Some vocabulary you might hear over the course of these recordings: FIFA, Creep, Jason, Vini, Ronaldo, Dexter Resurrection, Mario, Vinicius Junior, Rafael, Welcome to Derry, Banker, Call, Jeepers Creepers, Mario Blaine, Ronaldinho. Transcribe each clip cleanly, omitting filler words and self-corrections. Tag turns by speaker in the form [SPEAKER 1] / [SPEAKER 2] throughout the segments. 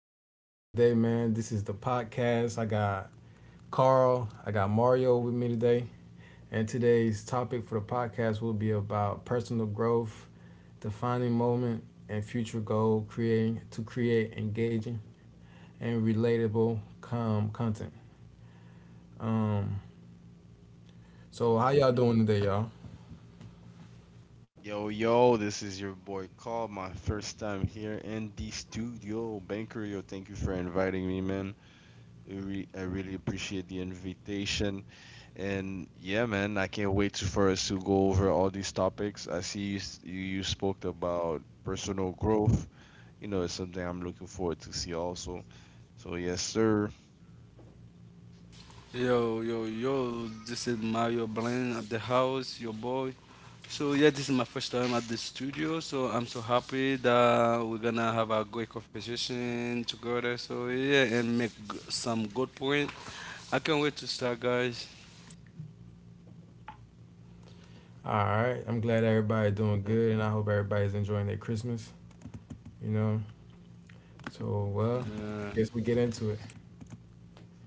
[SPEAKER 1] how y'all doing today, man? This is the podcast. I got Carl, I got Mario with me today. And today's topic for the podcast will be about personal growth, defining moment, and future goal creating to create engaging and relatable com content. Um
[SPEAKER 2] Yo,
[SPEAKER 1] so how
[SPEAKER 2] yo,
[SPEAKER 1] y'all doing today, y'all?
[SPEAKER 2] yo, this is your boy Call, my first time here in the studio. Banker, yo, thank you for inviting me, man. I really appreciate the invitation. And yeah, man, I can't wait for us to go over all these topics. I see you spoke about personal growth. You know, it's something I'm looking forward to see also. So, yes, sir.
[SPEAKER 3] Yo, yo, yo, this is Mario Blaine at the house, your boy. So, yeah, this is my first time at the studio, so I'm so happy that we're gonna have a great conversation together. So, yeah, and make some good point. I can't wait to start, guys.
[SPEAKER 1] Alright, I'm glad everybody
[SPEAKER 2] Yes,
[SPEAKER 1] doing
[SPEAKER 2] sir.
[SPEAKER 1] good and I hope everybody's enjoying their Christmas. You know? So, I
[SPEAKER 3] Yeah,
[SPEAKER 1] guess we get into it.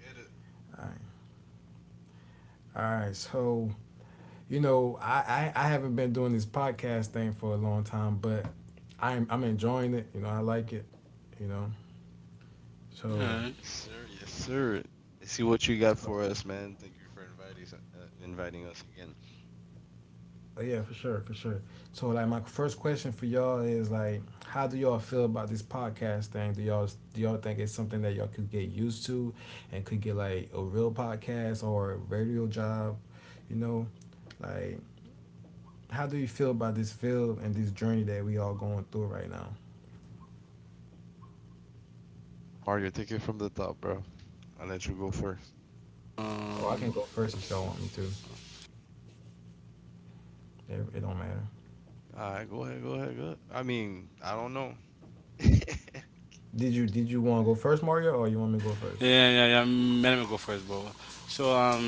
[SPEAKER 2] Get it.
[SPEAKER 1] Alright. Alright, so you know, I haven't been doing this podcast thing for a long time, but I'm enjoying it. You know, I like it. You know,
[SPEAKER 3] yeah.
[SPEAKER 1] so,
[SPEAKER 2] Yes, sir. Yes, sir. Let's see what you got for
[SPEAKER 1] so
[SPEAKER 2] us, man. Thank you for inviting us again.
[SPEAKER 1] yeah, for sure, for sure. So like, my first question for y'all is like, how do y'all feel about this podcast thing? Do y'all think it's something that y'all could get used to, and could get like a real podcast or a radio job? You know, like, how do you feel about this field and this journey that we all going through right now?
[SPEAKER 2] Mario, take it from the top, bro. I'll let you go first.
[SPEAKER 1] Oh, I can
[SPEAKER 3] Um,
[SPEAKER 1] go first if y'all want me to. It don't matter.
[SPEAKER 2] All right, go ahead. I mean, I don't know.
[SPEAKER 1] Did you want to go first, Mario, or you want me to go first?
[SPEAKER 3] yeah, yeah, yeah. Let me go first, bro. So,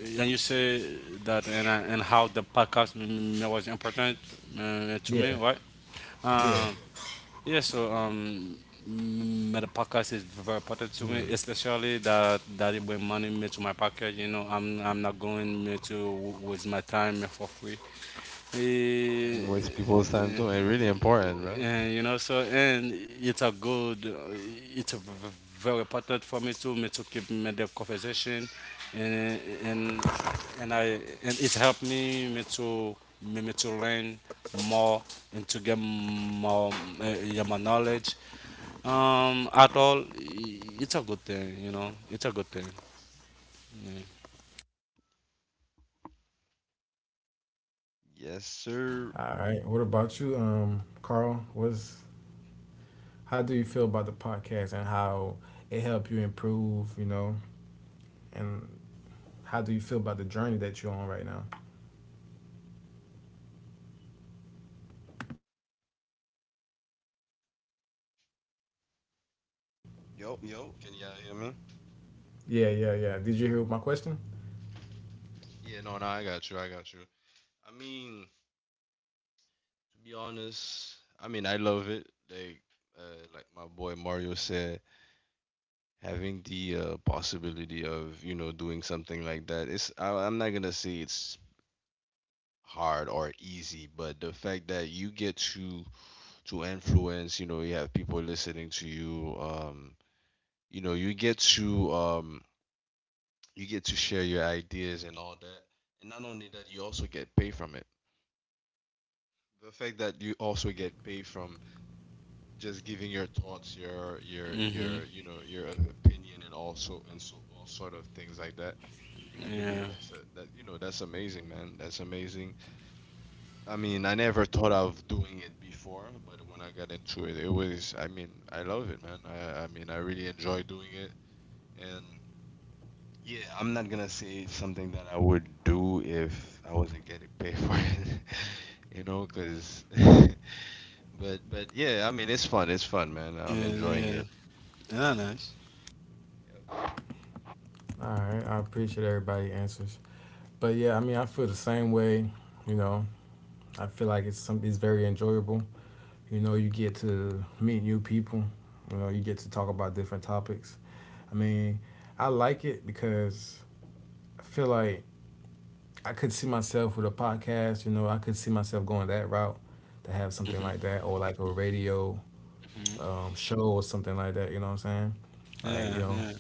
[SPEAKER 3] and you say that and how the podcast was important, to me,
[SPEAKER 1] Yeah,
[SPEAKER 3] right?
[SPEAKER 1] yeah.
[SPEAKER 3] Um, Yeah, so the podcast is very important to me,
[SPEAKER 2] Hmm.
[SPEAKER 3] especially that it bring money me to my pocket. You know, I'm not going me to waste my time for free. Eh,
[SPEAKER 2] And waste people's time too. It's really important, bro.
[SPEAKER 3] and you know, so and it's a good, it's a very important for me to me to keep me the conversation, and and and I and it helped me to me to learn more and to get more, yeah, my knowledge at all. It's a good thing, it's a good thing, yeah.
[SPEAKER 2] Yes, sir.
[SPEAKER 1] All right. What about you, Carl? What's How do you feel about the podcast and how it helped you improve? You know, and how do you feel about the journey that you're on right now?
[SPEAKER 2] Yo, yo. Can y'all hear me?
[SPEAKER 1] Yeah, yeah, yeah. Did you hear my question?
[SPEAKER 2] Yeah, no, I got you. I got you. I mean, to be honest, I mean, I love it. Like my boy Mario said, having the possibility of doing something like that, it's I'm not gonna say it's hard or easy, but the fact that you get to influence, you have people listening to you, you know you get to share your ideas and all that, and not only that you also get paid from it. The fact that you also get paid from just giving your thoughts,
[SPEAKER 3] Hmm.
[SPEAKER 2] your opinion, and also and so all sort of things like that. I believe
[SPEAKER 3] Yeah,
[SPEAKER 2] that, that's amazing, man. That's amazing. I mean, I never thought of doing it before, but when I got into it, it was. I mean, I love it, man. I mean, I really enjoy doing it, and yeah, I'm not gonna say it's something that I would do if I wasn't getting paid for it, you know, cause. But yeah, I mean, it's fun. It's fun, man. I'm
[SPEAKER 3] yeah,
[SPEAKER 2] enjoying
[SPEAKER 3] yeah,
[SPEAKER 2] it.
[SPEAKER 3] yeah, nice.
[SPEAKER 2] Yep.
[SPEAKER 1] All right. I appreciate everybody answers. But yeah, I mean, I feel the same way. You know, I feel like it's something. It's very enjoyable. You know, you get to meet new people. You know, you get to talk about different topics. I mean, I like it because I feel like I could see myself with a podcast. You know, I could see myself going that route to have something like
[SPEAKER 3] Hmm.
[SPEAKER 1] that, or like a radio
[SPEAKER 3] Hmm.
[SPEAKER 1] show or something like that. You know what I'm saying? Like, you
[SPEAKER 3] Yeah,
[SPEAKER 1] know,
[SPEAKER 3] yeah,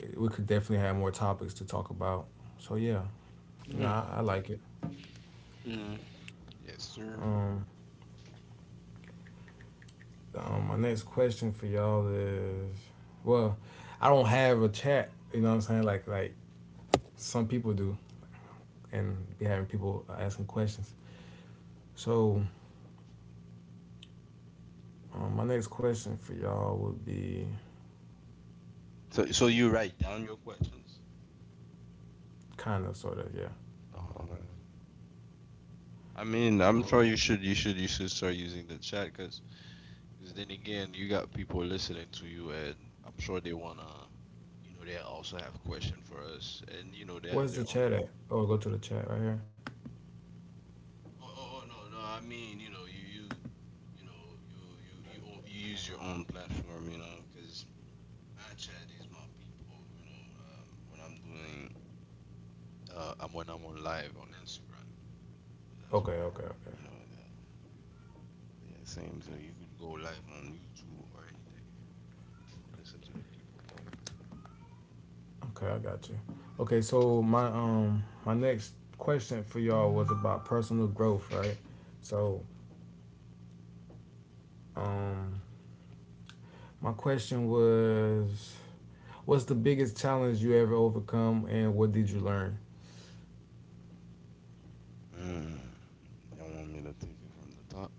[SPEAKER 1] it- we could definitely have more topics to talk about. So yeah,
[SPEAKER 3] yeah,
[SPEAKER 1] no,
[SPEAKER 3] yeah,
[SPEAKER 1] I like it.
[SPEAKER 3] yeah,
[SPEAKER 2] Yes, sir.
[SPEAKER 1] Um, my next question for y'all is, well, I don't have a chat. You know what I'm saying? Like some people do, and be having people asking questions. So my next question for y'all would be
[SPEAKER 2] So so you write down your questions?
[SPEAKER 1] kind of, sort of, yeah.
[SPEAKER 2] Oh, I mean, I'm sure
[SPEAKER 1] Um,
[SPEAKER 2] you should start using the chat, because then again, you got people listening to you, and I'm sure they wanna, you know, they also have question for us, and you know, they have
[SPEAKER 1] where's the
[SPEAKER 2] their own.
[SPEAKER 1] chat
[SPEAKER 2] Op-
[SPEAKER 1] at? Oh, go to the chat right here.
[SPEAKER 2] oh, oh, no, I mean, you know, you know, you use your own platform, you know, because my chat is my people, you know, when I'm doing, I'm when I'm on live on Instagram, so that's
[SPEAKER 1] Okay,
[SPEAKER 2] why,
[SPEAKER 1] okay,
[SPEAKER 2] I,
[SPEAKER 1] okay,
[SPEAKER 2] you know, yeah, same. So you could go live on YouTube or anything, and listen to the people talking.
[SPEAKER 1] okay. I got you. Okay, so my my next question for y'all was about personal growth, right? So um my question was, what's the biggest challenge you ever overcome, and what did you learn?
[SPEAKER 2] Mm, y'all want me to take it from the top?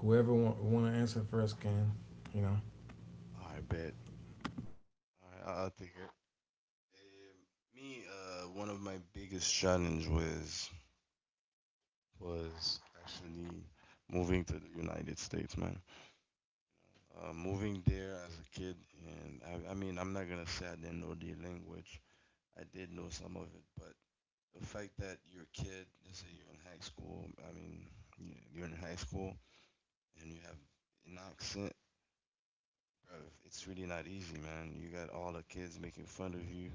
[SPEAKER 1] Whoever want to answer first can, you know.
[SPEAKER 2] I bet. Alright, I'll take it. Um, Me, one of my biggest challenge was actually moving to the United States, man. Moving there as a kid, and I mean, I'm not gonna say I didn't know the language. I did know some of it, but the fact that you're a kid, let's say you're in high school. I mean, you're in high school and you have an accent, it's really not easy, man. You got all the kids making fun of you,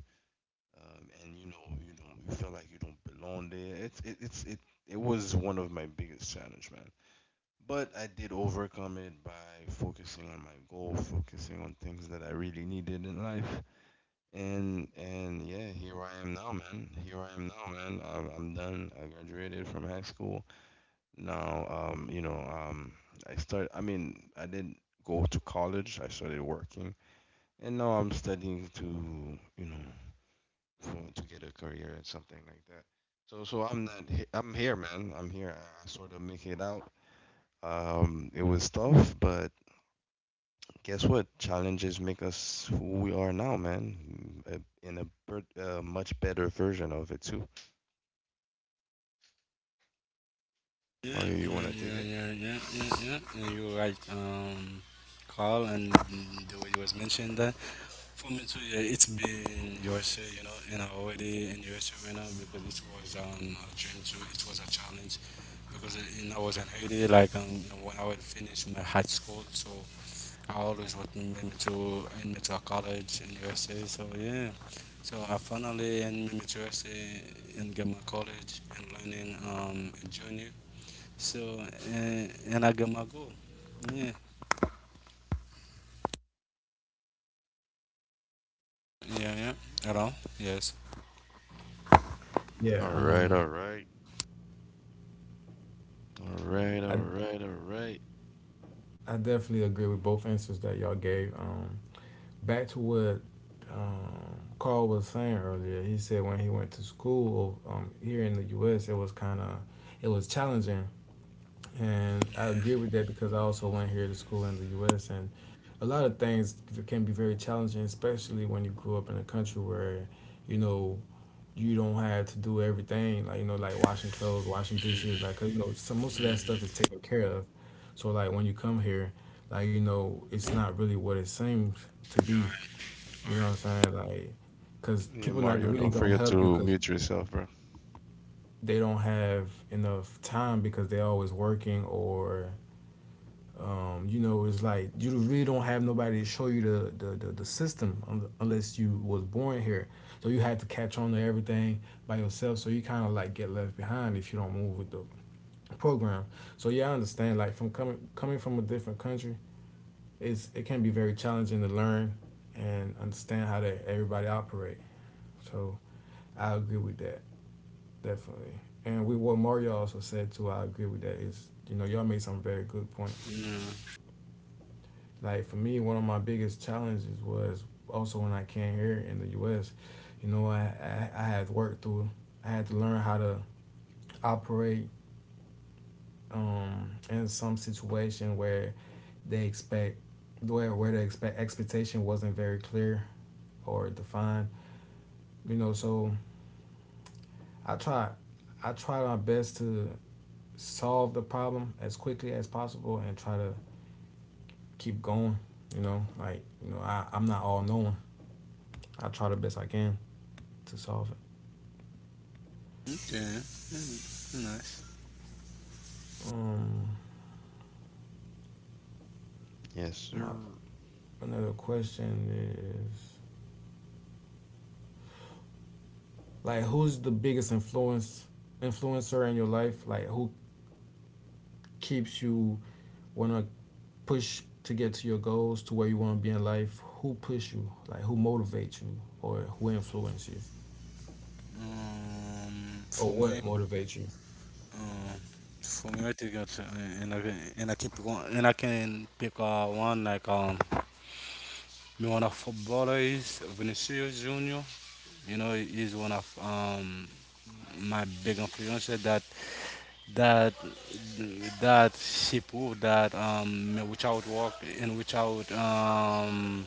[SPEAKER 2] and you know you feel like you don't belong there. It was one of my biggest challenge, man. But I did overcome it by focusing on my goal, focusing on things that I really needed in life, and yeah, here I am now, man. Here I am now, man. I'm done. I graduated from high school. Now, you know, I start. I mean, I didn't go to college. I started working, and now I'm studying you know, to get a career and something like that. So I'm not he- I'm here, man. I'm here. I sort of make it out. It was tough, but guess what? Challenges make us who we are now, man. In a, per- a much better version of it too.
[SPEAKER 3] yeah,
[SPEAKER 2] Mario, you
[SPEAKER 3] yeah,
[SPEAKER 2] wanna take
[SPEAKER 3] yeah,
[SPEAKER 2] it?
[SPEAKER 3] yeah, yeah, yeah, yeah, you're right. Carl, and the way you was mentioned that, for me too, yeah, it's been USA. You know, and I already in USA right now, because it was a dream too. It was a challenge, because I was in Haiti, like when I was finished my high school. So I always was in Mimitu, in Mimitua College in USA. So yeah, so I finally in Mimitu USA in Gamma College, and learning junior. So, and I got my goal. Yeah, yeah, yeah. At all? Yes.
[SPEAKER 1] Yeah,
[SPEAKER 2] All right,
[SPEAKER 1] I
[SPEAKER 2] all right.
[SPEAKER 1] I definitely agree with both answers that y'all gave. Back to what Carl was saying earlier. He said when he went to school here in the U.S., it was it was challenging, and I agree with
[SPEAKER 3] Yeah.
[SPEAKER 1] that because I also went here to school in the U.S. and a lot of things can be very challenging, especially when you grew up in a country where you know you don't have to do everything like you know like washing clothes, washing dishes,
[SPEAKER 3] Mhm.
[SPEAKER 1] like 'cause, you know, so most of that
[SPEAKER 3] Mhm.
[SPEAKER 1] stuff is taken care of. So like when you come here, like you know it's not really what it seems to
[SPEAKER 3] Yeah, all
[SPEAKER 1] be, you
[SPEAKER 3] right.
[SPEAKER 1] know what I'm saying? Like, because
[SPEAKER 2] Yeah,
[SPEAKER 1] people not
[SPEAKER 2] Mario,
[SPEAKER 1] really
[SPEAKER 2] don't
[SPEAKER 1] gonna
[SPEAKER 2] forget
[SPEAKER 1] help you
[SPEAKER 2] to
[SPEAKER 1] because
[SPEAKER 2] mute yourself, bro.
[SPEAKER 1] they don't have enough time because they're always working or, you know, it's like you really don't have nobody to show you the system unless you was born here. So you had to catch on to everything by yourself. So you kind of like get left behind if you don't move with the program. So yeah, I understand. Like from coming from a different country, it can be very challenging to learn and understand how that everybody operate. So I agree with that. Definitely. And we what Mario also said too, I agree with that, is you know, y'all made some very good point.
[SPEAKER 3] All right. Yeah.
[SPEAKER 1] Like for me, one of my biggest challenges was also when I came here in the U.S., you know, I had worked through I had to learn how to operate in some situation where they expect where the expect expectation wasn't very clear or defined. You know, so I try I try my best to solve the problem as quickly as possible and try to keep going. You know, like you know, I'm not all knowing. I try the best I can to solve it.
[SPEAKER 3] Okay. Nice.
[SPEAKER 1] Um,
[SPEAKER 2] Yes,
[SPEAKER 1] my
[SPEAKER 2] sir.
[SPEAKER 1] another question is like, who's the biggest influence influencer in your life? Like, who keeps you wanna push to get to your goals, to where you wanna be in life? Who push you? Like, who motivates you, or who influence you, or
[SPEAKER 3] For me,
[SPEAKER 1] what motivates you?
[SPEAKER 3] um, for me, I think that's, and I can and I keep going, and I can pick, one, like me, one of footballers, Vinicius Junior. You know, he's one of, my big influences. That that she proved that, without work and without,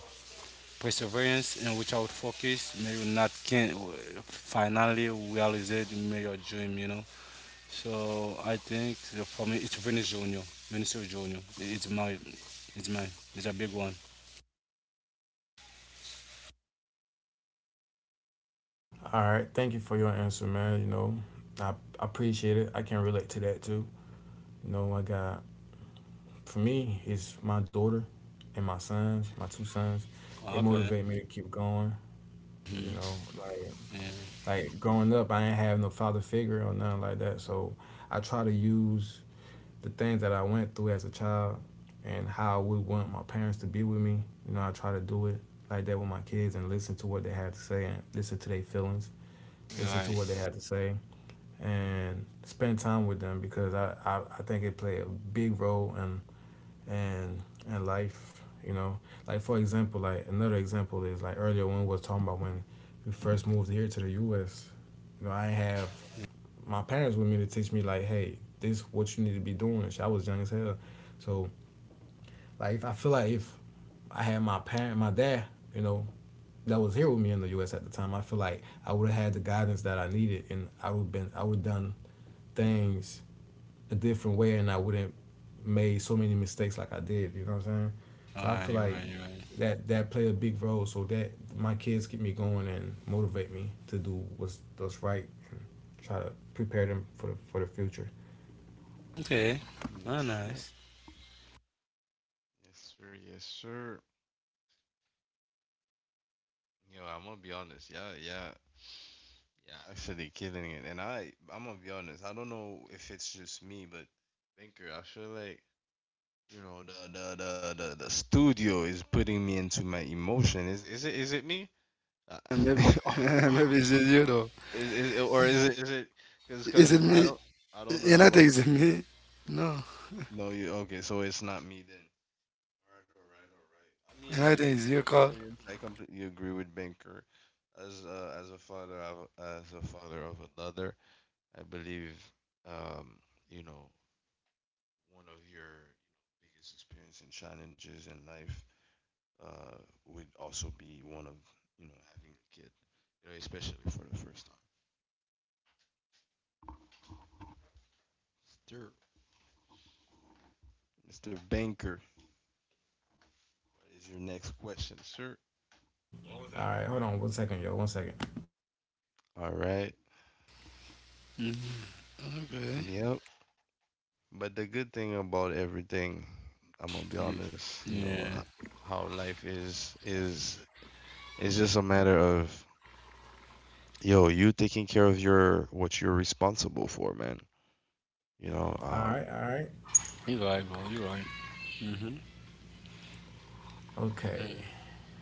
[SPEAKER 3] perseverance and without focus, may you not can finally realize it, may your dream. You know. So I think for me, it's Vinicius Junior. Vinicius Junior. It's my, it's a big one.
[SPEAKER 1] All right, thank you for your answer, man. You know, I I appreciate it. I can relate to that too. You know, I got for me, it's my daughter and my sons, my two sons. They
[SPEAKER 3] Okay.
[SPEAKER 1] motivate me to keep going. You
[SPEAKER 3] Hmm.
[SPEAKER 1] know,
[SPEAKER 3] Yeah.
[SPEAKER 1] like growing up, I ain't have no father figure or nothing like that. So I try to use the things that I went through as a child and how I would want my parents to be with me. You know, I try to do it like that with my kids and listen to what they have to say and listen to their feelings, listen to what they
[SPEAKER 3] Right.
[SPEAKER 1] have to say, and spend time with them because I think it played a big role in and and life, you know, like for example, like another example is like earlier when we was talking about when we first moved here to the US, you know, I have my parents with me to teach me like, hey, this is what you need to be doing and shit. I was young as hell, so like if I feel like if I had my dad, you know, that was here with me in the US at the time, I feel like I would have had the guidance that I needed and I would done things a different way and I wouldn't made so many mistakes like I did, you know what I'm saying? So I
[SPEAKER 3] Ah,
[SPEAKER 1] feel
[SPEAKER 3] you right,
[SPEAKER 1] like
[SPEAKER 3] you right.
[SPEAKER 1] that that played a big role. So that my kids get me going and motivate me to do what's right and try to prepare them for the future.
[SPEAKER 3] Okay. Ah,
[SPEAKER 2] Yes, sir.
[SPEAKER 3] nice.
[SPEAKER 2] Yes, sir. Yes, sir. Yo, I'm gonna be honest. Yeah, yeah. Actually, killing it. And I'm gonna be honest. I don't know if it's just me, but Banker, I feel like the studio is putting me into my emotion. Is it me? Uh,
[SPEAKER 3] And maybe, maybe it's you though.
[SPEAKER 2] is it, is it because
[SPEAKER 3] Is it
[SPEAKER 2] I
[SPEAKER 3] me?
[SPEAKER 2] don't
[SPEAKER 3] You
[SPEAKER 2] know
[SPEAKER 3] not
[SPEAKER 2] about.
[SPEAKER 3] think it's me? No,
[SPEAKER 2] No, you okay? So it's not me then. Alright, alright. I
[SPEAKER 3] you
[SPEAKER 2] mean,
[SPEAKER 3] not think it's
[SPEAKER 2] same
[SPEAKER 3] your call.
[SPEAKER 2] experience. I completely agree with Banker. As as a father of another, I believe, um, you know, one of your biggest experience and challenges in life, uh, would also be one of, you know, having a kid, you know, especially for the first time. Sir, Mr. Banker, what is your next question, sir?
[SPEAKER 1] All right, hold on 1 second, yo, 1 second.
[SPEAKER 2] All right.
[SPEAKER 3] Okay.
[SPEAKER 2] Yep. But the good thing about everything, I'm gonna be
[SPEAKER 3] Mm,
[SPEAKER 2] honest, you know,
[SPEAKER 3] Yeah.
[SPEAKER 2] how life is just a matter of, yo, you taking care of your what you're responsible for, man. You know,
[SPEAKER 1] All right,
[SPEAKER 3] You right, bro. You right. Mhm.
[SPEAKER 1] okay.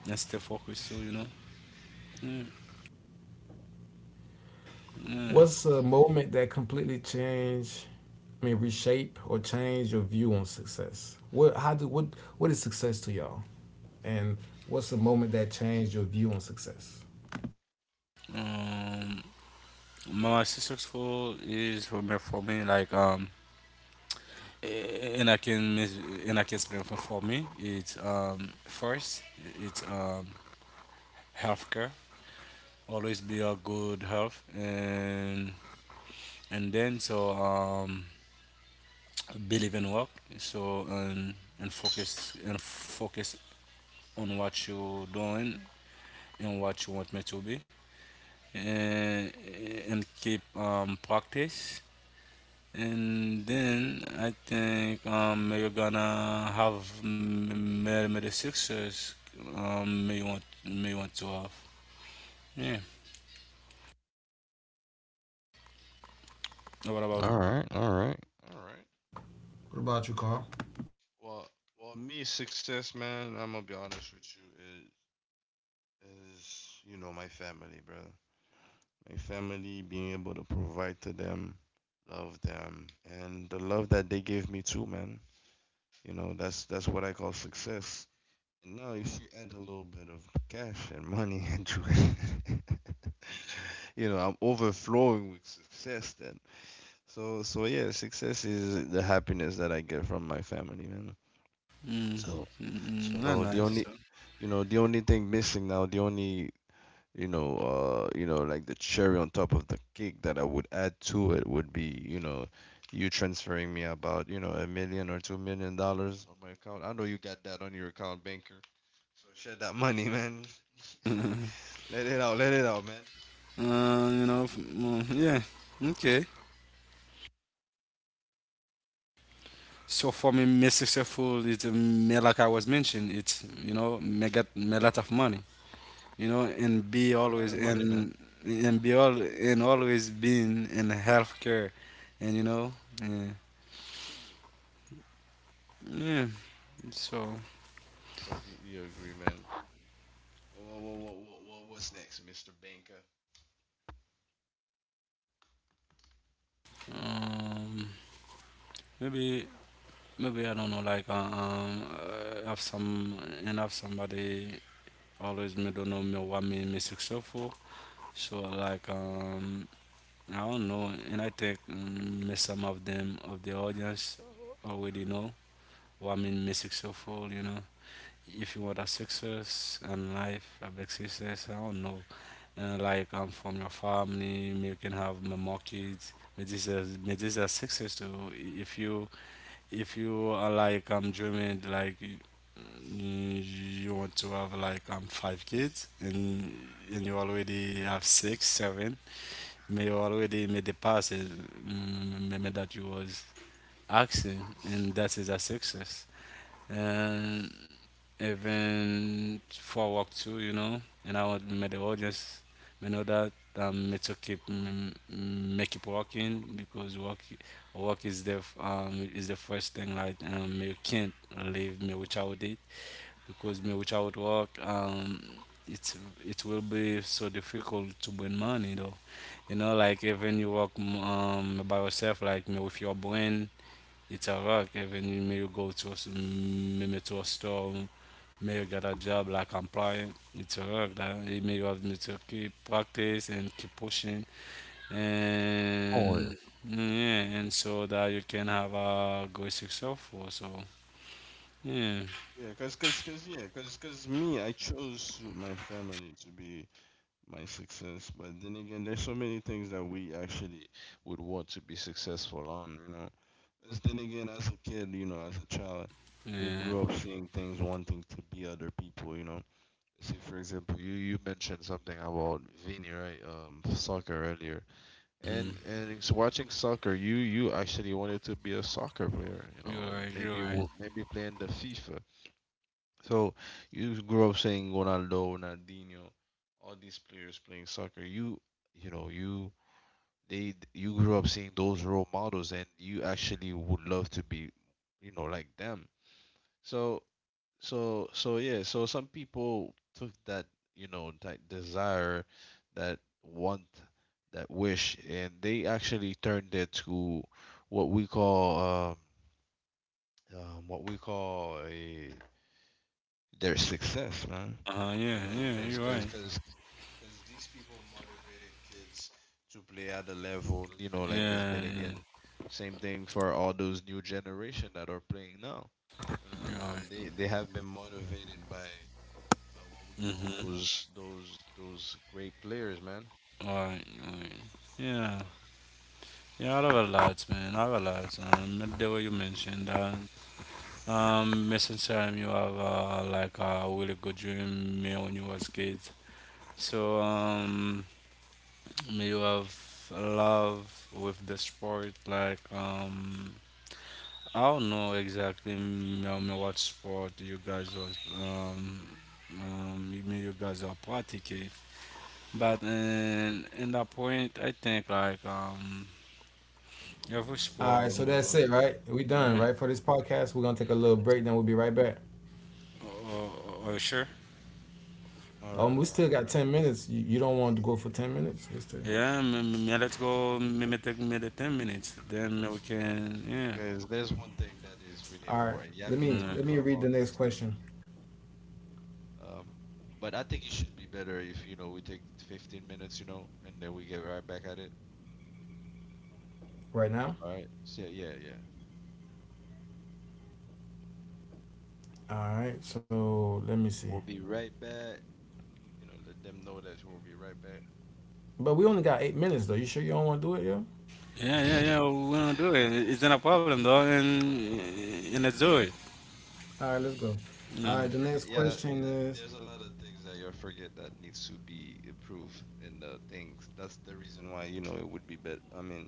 [SPEAKER 3] And stay focused too, you know. Mm, Yeah.
[SPEAKER 1] What's a moment that completely changed? I mean, reshape or change your view on success. What how do What is success to y'all? And what's a moment that changed your view on success?
[SPEAKER 3] Um, my successful is for me like eh, and I can mis- and I can explain, for me. It's first, it's healthcare. Always be a good health, and then so believe in work, so and focus on what you're doing and what you want me to be, and and keep practice, and then I think you're gonna have m- m- the success, may want, may want to have, yeah. What about...
[SPEAKER 2] All right, all right, all right.
[SPEAKER 1] What about you, Carl?
[SPEAKER 2] Well, me success, man. I'm gonna be honest with you. Is you know my family, brother. My family being able to provide to them, love them, and the love that they give me too, man. You know, that's what I call success. And now, if you add a little bit of cash and money into it, you know, I'm overflowing with success. Then, so yeah, success is the happiness that I get from my family, man.
[SPEAKER 3] mm,
[SPEAKER 2] So,
[SPEAKER 3] mm,
[SPEAKER 2] so
[SPEAKER 3] not
[SPEAKER 2] the only,
[SPEAKER 3] nice.
[SPEAKER 2] you know, the only thing missing now, you know, like the cherry on top of the cake that I would add to it would be, you know, you transferring me about, you know, $1 million or $2 million on my account. I know you got that on your account, banker. So share that money, man. Let it out, man.
[SPEAKER 3] You know, yeah, okay. So for me, me successful is me, like I was mentioned. It's, you know, me get me lot of money. You know, and be
[SPEAKER 2] It's a lot
[SPEAKER 3] always
[SPEAKER 2] of money, man.
[SPEAKER 3] and be all and always being in healthcare, and you know, yeah, yeah. So
[SPEAKER 2] Completely agree, man. Whoa, what's next, Mr. Banker?
[SPEAKER 3] um, maybe, maybe I don't know, like have some, and have somebody always me don't know me what me me successful. So like I don't know. And I think may some of them of the audience already know what I mean. May successful, you know, if you want a success in life, a big success. I don't know, and like from your family, you can have may more kids. May this is may this a success too. If you are like I'm, dreaming like you want to have like 5 kids, and you already have six seven, may already made the passes, maybe that you was asking, and that is a success. And even for work too, you know, and I want may the audience may know that, may to keep keep working because work is the is the first thing. Like you can't leave me without it, because me without work it's, it will be so difficult to win money though. You know, like even you walk by yourself, like me with your brain, it's a rock. Even you may you go to a, me, me to a store, may you get a job like applying, it's a rock. That it may you have me to keep practice and keep pushing,
[SPEAKER 2] Oh, yeah.
[SPEAKER 3] and yeah, and so that you can have a good successful. So yeah,
[SPEAKER 2] Yeah, cause me, I chose my family to be my success. But then again, there's so many things that we actually would want to be successful on, you know. 'Cause then again, as a kid, you know, as a child, we
[SPEAKER 3] yeah.
[SPEAKER 2] grew up seeing things wanting to be other people, you know. See, for example, you mentioned something about Vini, right? Soccer earlier,
[SPEAKER 3] Hmm.
[SPEAKER 2] and it's watching soccer, you actually wanted to be a soccer player, you know,
[SPEAKER 3] You're right. You're right.
[SPEAKER 2] maybe playing the FIFA, so you grew up saying Ronaldo, Ronaldinho, all these players playing soccer. You know you you grew up seeing those role models, and you actually would love to be, you know, like them. So so yeah. So some people took that, that desire, that want, that wish, and they actually turned it to what we call what we call a their success, man.
[SPEAKER 3] Uh huh.
[SPEAKER 2] You
[SPEAKER 3] Yeah.
[SPEAKER 2] know,
[SPEAKER 3] Yeah.
[SPEAKER 2] because
[SPEAKER 3] You're
[SPEAKER 2] cause,
[SPEAKER 3] right.
[SPEAKER 2] cause, 'cause these people motivated kids to play at a level, you know,
[SPEAKER 3] Yeah.
[SPEAKER 2] like, because then
[SPEAKER 3] Yeah.
[SPEAKER 2] again, same thing for all those new generation that are playing now. You
[SPEAKER 3] You're
[SPEAKER 2] know,
[SPEAKER 3] right.
[SPEAKER 2] they have been motivated by what we call
[SPEAKER 3] Mm-hmm.
[SPEAKER 2] those great players, man.
[SPEAKER 3] Right, right.
[SPEAKER 2] Yeah,
[SPEAKER 3] Yeah. Yeah, I have a lot, man. I have a lot. Like the way you mentioned that. Missing time you have, like a really good dream me when you was kid. So may you have love with the sport. Like I don't know exactly, me, me what sport you guys was me you guys are practicing. But in that point, I think like Yeah, voice
[SPEAKER 1] All right,
[SPEAKER 3] bomb,
[SPEAKER 1] so that's
[SPEAKER 3] though.
[SPEAKER 1] it, right? We done,
[SPEAKER 3] Mm.
[SPEAKER 1] right? For this podcast, we're gonna take a little break, then we'll be right back.
[SPEAKER 3] Oh, oh, oh, sure.
[SPEAKER 2] man. All right,
[SPEAKER 1] We still
[SPEAKER 2] all
[SPEAKER 1] got
[SPEAKER 2] right.
[SPEAKER 1] 10 minutes. You don't want to go for 10 minutes? We still.
[SPEAKER 3] Yeah, yeah, let's go.
[SPEAKER 2] Mm,
[SPEAKER 3] Maybe take maybe 10 minutes. Then we can. Yeah.
[SPEAKER 2] guys, there's one thing that is really
[SPEAKER 1] All right.
[SPEAKER 2] important. Yeah, I can
[SPEAKER 3] Yeah.
[SPEAKER 2] talk
[SPEAKER 1] Let me
[SPEAKER 2] about,
[SPEAKER 1] read the next
[SPEAKER 2] this
[SPEAKER 1] question
[SPEAKER 2] thing. But I think it should be better if, you know, we take 15 minutes, you know, and then we get right back at it.
[SPEAKER 1] right now.
[SPEAKER 2] All right. So, yeah.
[SPEAKER 1] All right. So let me see.
[SPEAKER 2] We'll be right back. You know, let them know that we'll be right
[SPEAKER 1] But we only got 8 minutes though. You sure you don't want to do it, yo?
[SPEAKER 2] back.
[SPEAKER 3] Yeah, yeah, yeah. We're gonna do it. It's not a problem, though, and let's do it.
[SPEAKER 1] All right, let's go. All
[SPEAKER 2] Yeah, I
[SPEAKER 1] right.
[SPEAKER 3] Yeah,
[SPEAKER 1] The next
[SPEAKER 2] forget. Yeah,
[SPEAKER 1] question
[SPEAKER 2] yeah.
[SPEAKER 1] is.
[SPEAKER 2] There's a lot of things that you forget that needs to be approved and things. That's the reason why, you know, it would be better. I mean,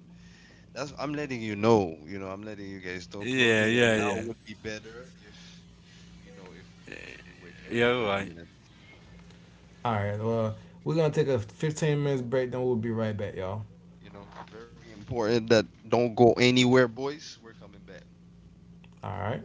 [SPEAKER 2] that's I'm letting you know. You know, I'm letting you guys know.
[SPEAKER 3] yeah,
[SPEAKER 2] Closing it
[SPEAKER 3] yeah,
[SPEAKER 2] now
[SPEAKER 3] yeah.
[SPEAKER 2] would be better if you know if we continue wait for the
[SPEAKER 3] Yeah,
[SPEAKER 2] 30
[SPEAKER 3] why?
[SPEAKER 2] minutes.
[SPEAKER 1] All right. Well, we're gonna take a 15 minutes break, then we'll be right back, y'all.
[SPEAKER 2] You know, very important that don't go anywhere, boys. We're coming back.
[SPEAKER 1] All right.